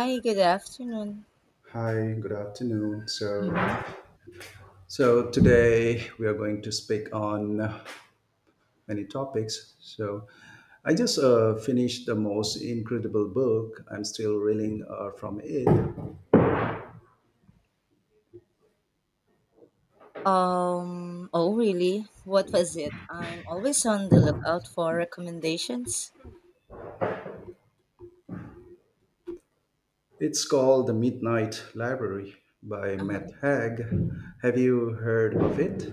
Hi, good afternoon. Hi, good afternoon. So, Mm-hmm. so today we are going to speak on many topics. So, I just finished the most incredible book. I'm still reeling from it. Oh really? What was it? I'm always on the lookout for recommendations. It's called The Midnight Library by Uh-huh. Matt Haig. Have you heard of it?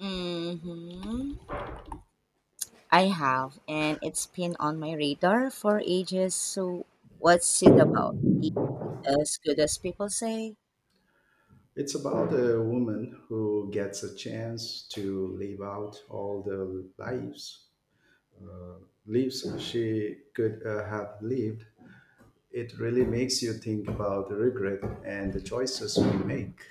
Mm-hmm. I have, and it's been on my radar for ages. So, what's it about? Is it as good as people say? It's about a woman who gets a chance to live out all the lives she could have lived. It really makes you think about the regret and the choices we make.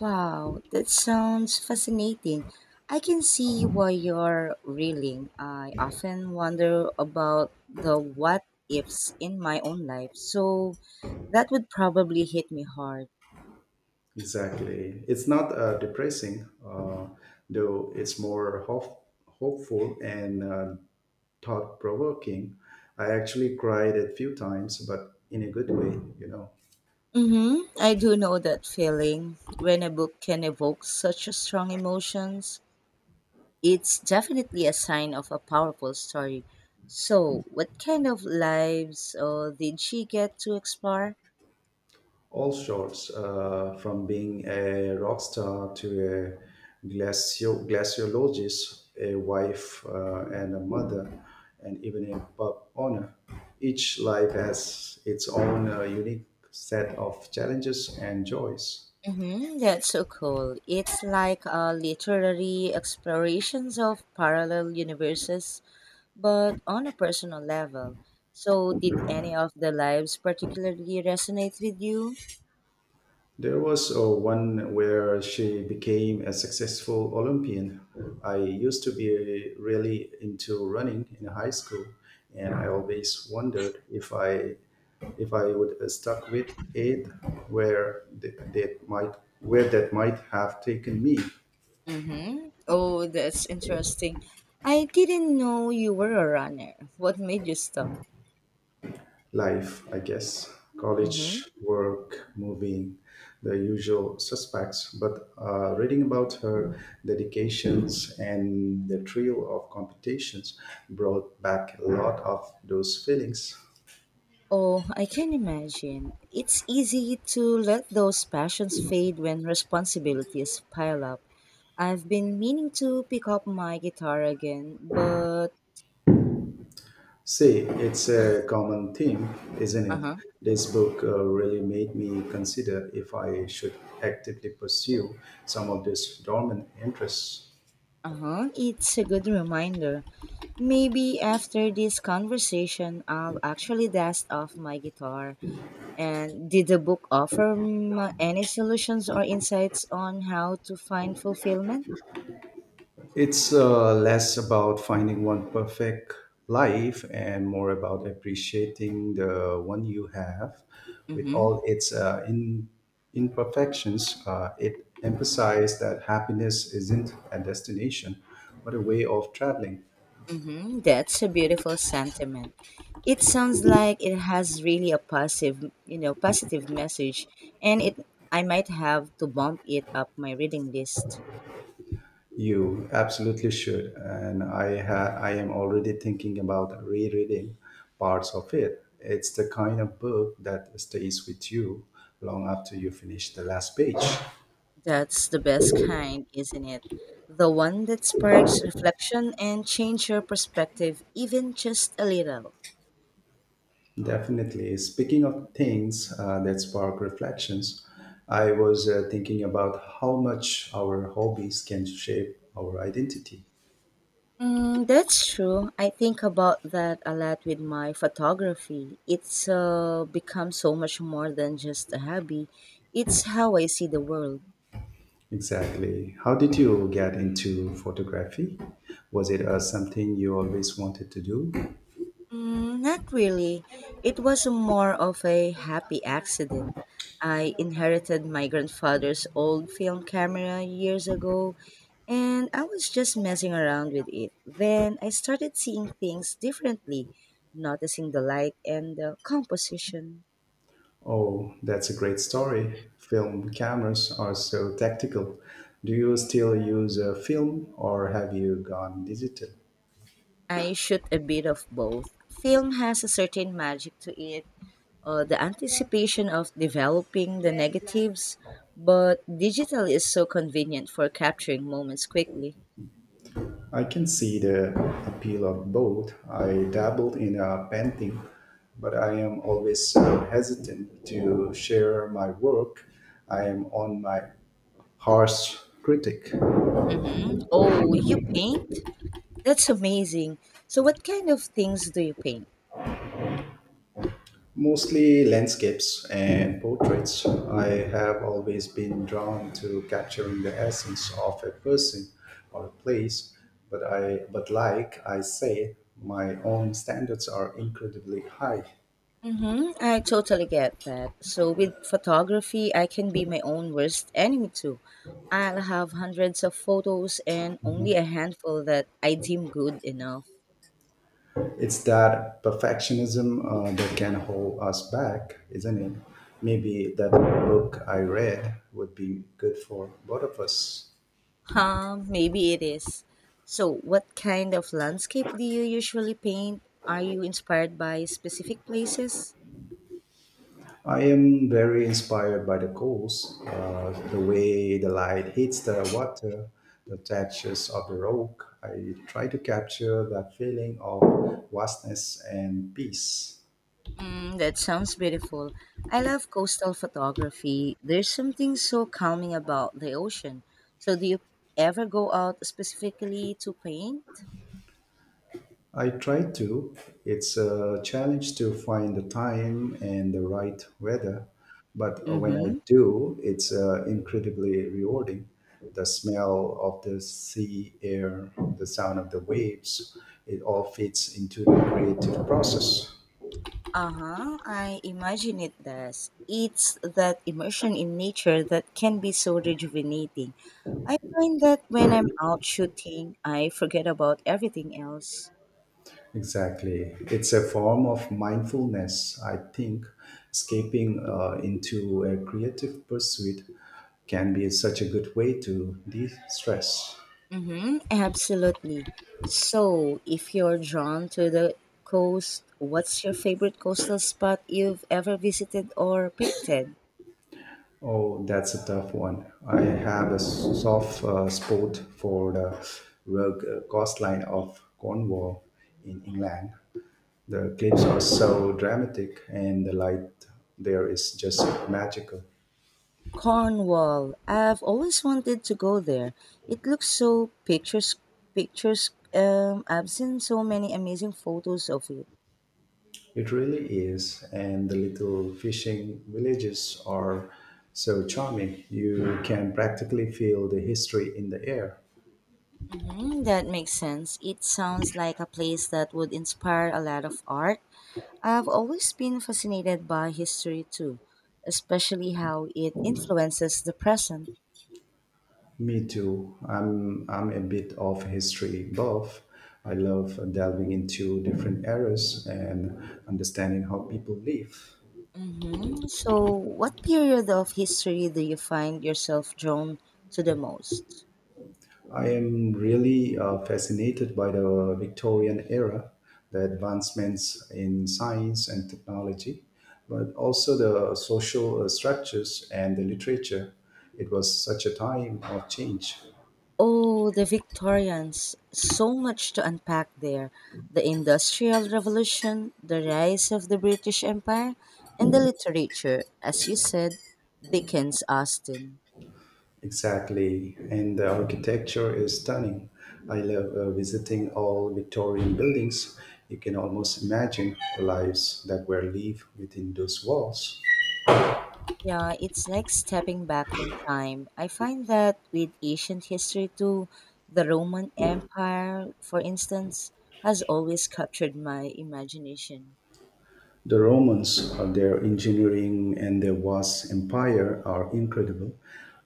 Wow, that sounds fascinating. I can see why you're reeling. I often wonder about the what ifs in my own life, so that would probably hit me hard. Exactly. It's not depressing, though it's more hopeful and thought provoking. I actually cried a few times, but in a good way, you know. Mm-hmm. I do know that feeling when a book can evoke such a strong emotions. It's definitely a sign of a powerful story. So, what kind of lives did she get to explore? All sorts, from being a rock star to a glaciologist, a wife and a mother, and even a pub owner. Each life has its own unique set of challenges and joys. Hmm, that's so cool. It's like a literary explorations of parallel universes, but on a personal level. So, did any of the lives particularly resonate with you? There was one where she became a successful Olympian. I used to be really into running in high school, and I always wondered if I would stuck with it, where th- that might where that might have taken me. Mm-hmm. Oh, that's interesting. I didn't know you were a runner. What made you stop? Life, I guess. Mm-hmm. College, work, moving, the usual suspects. But reading about her dedications and the thrill of competitions brought back a lot of those feelings. Oh, I can imagine. It's easy to let those passions fade when responsibilities pile up. I've been meaning to pick up my guitar again, but See, it's a common theme, isn't it? uh-huh, This book really made me consider if I should actively pursue some of these dormant interests. uh-huh, it's a good reminder. Maybe after this conversation, I'll actually dust off my guitar. And did the book offer any solutions or insights on how to find fulfillment? It's less about finding one perfect life and more about appreciating the one you have with Mm-hmm. all its imperfections. It emphasizes that happiness isn't a destination, but a way of traveling. Hmm, that's a beautiful sentiment. It sounds like it has really a positive, positive message, and it. I might have to bump it up my reading list. You absolutely should. And I am already thinking about rereading parts of it. It's the kind of book that stays with you long after you finish the last page. That's the best kind, isn't it? The one that sparks reflection and change your perspective even just a little. Definitely. Speaking of things that spark reflections, I was thinking about how much our hobbies can shape our identity. Mm, that's true. I think about that a lot with my photography. It's become so much more than just a hobby. It's how I see the world. Exactly. How did you get into photography? Was it something you always wanted to do? Mm, not really. It was more of a happy accident. I inherited my grandfather's old film camera years ago, and I was just messing around with it. Then I started seeing things differently, noticing the light and the composition. Oh, that's a great story. Film cameras are so tactical. Do you still use a film or have you gone digital? I shoot a bit of both. Film has a certain magic to it, the anticipation of developing the negatives, but digital is so convenient for capturing moments quickly. I can see the appeal of both. I dabbled in painting, but I am always hesitant to share my work. I am on my harsh critic, Mm-hmm. Oh, you paint? That's amazing. So, what kind of things do you paint? mostly landscapes and portraits. I have always been drawn to capturing the essence of a person or a place, but I but like I say, my own standards are incredibly high. Mm-hmm, I totally get that. So, with photography, I can be my own worst enemy too. I'll have hundreds of photos and only a handful that I deem good enough. It's that perfectionism that can hold us back, isn't it? Maybe that book I read would be good for both of us. Huh, maybe it is. So, what kind of landscape do you usually paint? Are you inspired by specific places? I am very inspired by the coast, the way the light hits the water, the textures of the rock. I try to capture that feeling of vastness and peace. Mm, that sounds beautiful. I love coastal photography. There's something so calming about the ocean. So, do you ever go out specifically to paint? I try to. It's a challenge to find the time and the right weather, but Mm when I hmm. do, it's incredibly rewarding. The smell of the sea air, the sound of the waves, it all fits into the creative process. Uh-huh, I imagine it does. It's that immersion in nature that can be so rejuvenating. I find that when I'm out shooting, I forget about everything else. Exactly. It's a form of mindfulness, I think. Escaping into a creative pursuit can be such a good way to de stress. Mm-hmm, absolutely. So, if you're drawn to the coast, what's your favorite coastal spot you've ever visited or painted? Oh, that's a tough one. I have a soft spot for the coastline of Cornwall in England. The cliffs are so dramatic, and the light there is just magical. Cornwall. I've always wanted to go there. It looks so pictures, I've seen so many amazing photos of it. It really is, and the little fishing villages are so charming. You can practically feel the history in the air. Hmm, that makes sense. It sounds like a place that would inspire a lot of art. I've always been fascinated by history too, especially how it influences the present. Me too. I'm a bit of a history buff. I love delving into different eras and understanding how people live. Hmm. So, what period of history do you find yourself drawn to the most? I am really fascinated by the Victorian era, the advancements in science and technology, but also the social structures and the literature. It was such a time of change. Oh, the Victorians. So much to unpack there. The Industrial Revolution, the rise of the British Empire, and the literature, as you said, Dickens, Austen. Exactly, and the architecture is stunning. I love visiting all Victorian buildings. You can almost imagine the lives that were lived within those walls. Yeah, it's like stepping back in time. I find that with ancient history too, the Roman Empire, for instance, has always captured my imagination. The Romans, their engineering and their vast empire are incredible.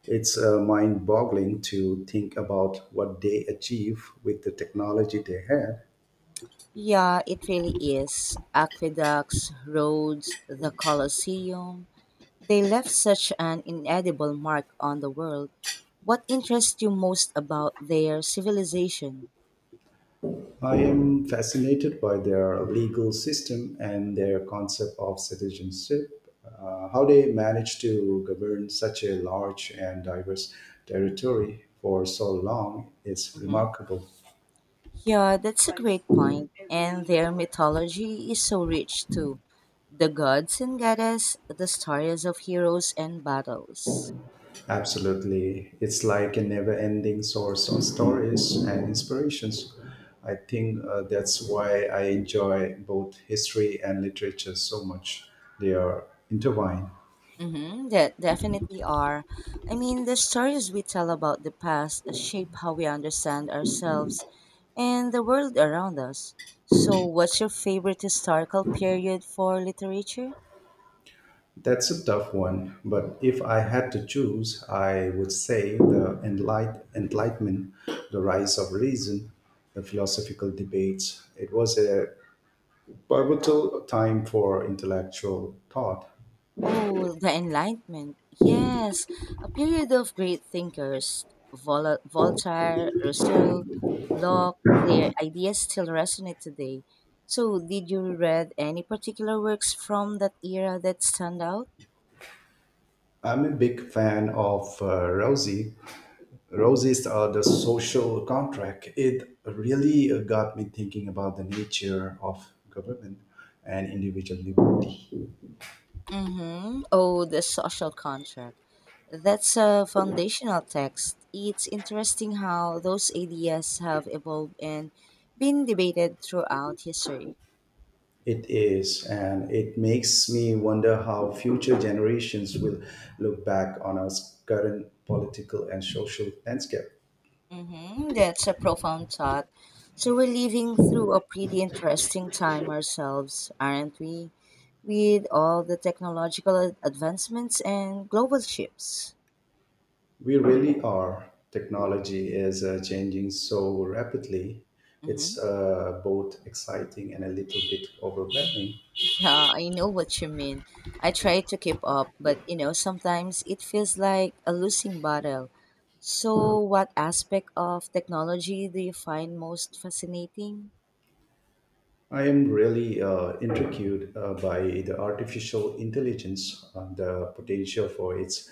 It's mind boggling to think about what they achieved with the technology they had. Yeah, it really is. Aqueducts, roads, the Colosseum. They left such an inedible mark on the world. What interests you most about their civilization? I am fascinated by their legal system and their concept of citizenship, how they manage to govern such a large and diverse territory for so long is Hmm. remarkable. Yeah, that's a great point. And their mythology is so rich too. The gods and goddess, the stories of heroes and battles. Absolutely. It's like a never ending source of stories and inspirations. I think that's why I enjoy both history and literature so much. They are intertwined. Mm-hmm, that definitely are. I mean, the stories we tell about the past shape how we understand ourselves and the world around us. So, what's your favorite historical period for literature? That's a tough one, but if I had to choose, I would say the Enlightenment, the rise of reason, the philosophical debates. It was a pivotal time for intellectual thought. Oh, the Enlightenment. Yes, a period of great thinkers. Voltaire, Rousseau, Locke, their ideas still resonate today. So, did you read any particular works from that era that stand out? I'm a big fan of Rosie. Rosie's The Social Contract. It really got me thinking about the nature of government and individual liberty. Mm-hmm. Oh, the social contract. That's a foundational text. It's interesting how those ideas have evolved and been debated throughout history. It is, and it makes me wonder how future generations will look back on our current political and social landscape. Mm-hmm. That's a profound thought. So we're living through a pretty interesting time ourselves, aren't we? With all the technological advancements and global shifts. We really are. Technology is changing so rapidly. It's Mm-hmm. Both exciting and a little bit overwhelming. Yeah, I know what you mean. I try to keep up, but you know, sometimes it feels like a losing battle. So, what aspect of technology do you find most fascinating? I am really intrigued by the artificial intelligence, and the potential for its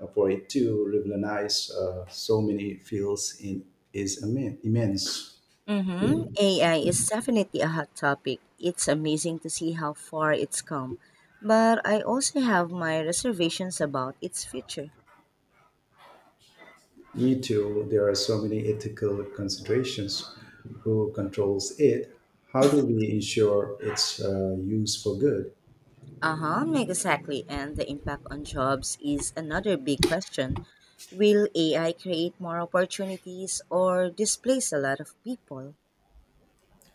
for it to revolutionize so many fields in is immense. Mm-hmm. AI is definitely a hot topic. It's amazing to see how far it's come, but I also have my reservations about its future. E-tool, there are so many ethical considerations. Who controls it? How do we ensure its use for good? Uh-huh, like exactly. And the impact on jobs is another big question. Will AI create more opportunities or displace a lot of people?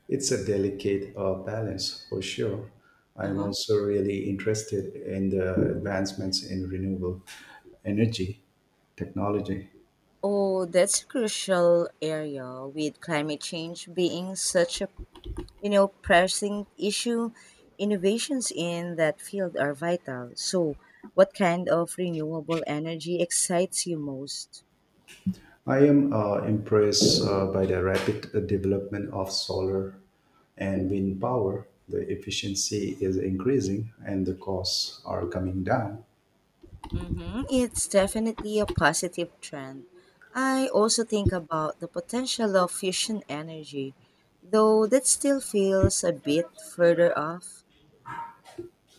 It's a delicate balance for sure. I'm Uh-huh. also really interested in the advancements in renewable energy technology. Oh, that's a crucial area with climate change being such a, you know, pressing issue. Innovations in that field are vital. So, what kind of renewable energy excites you most? I am impressed by the rapid development of solar and wind power. The efficiency is increasing and the costs are coming down. Mm-hmm. It's definitely a positive trend. I also think about the potential of fusion energy, though that still feels a bit further off.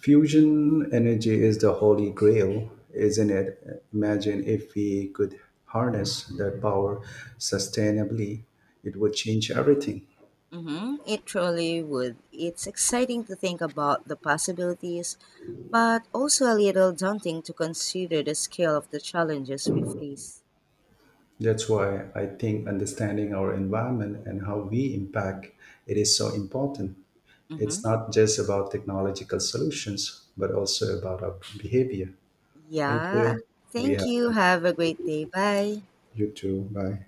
Fusion energy is the holy grail, isn't it? Imagine if we could harness that power sustainably, it would change everything. Mm-hmm. It truly would. It's exciting to think about the possibilities, but also a little daunting to consider the scale of the challenges we face. That's why I think understanding our environment and how we impact it is so important. Mm-hmm. It's not just about technological solutions, but also about our behavior. Thank Yeah. you. We Thank have you. Have a great day. Bye. you too. Bye.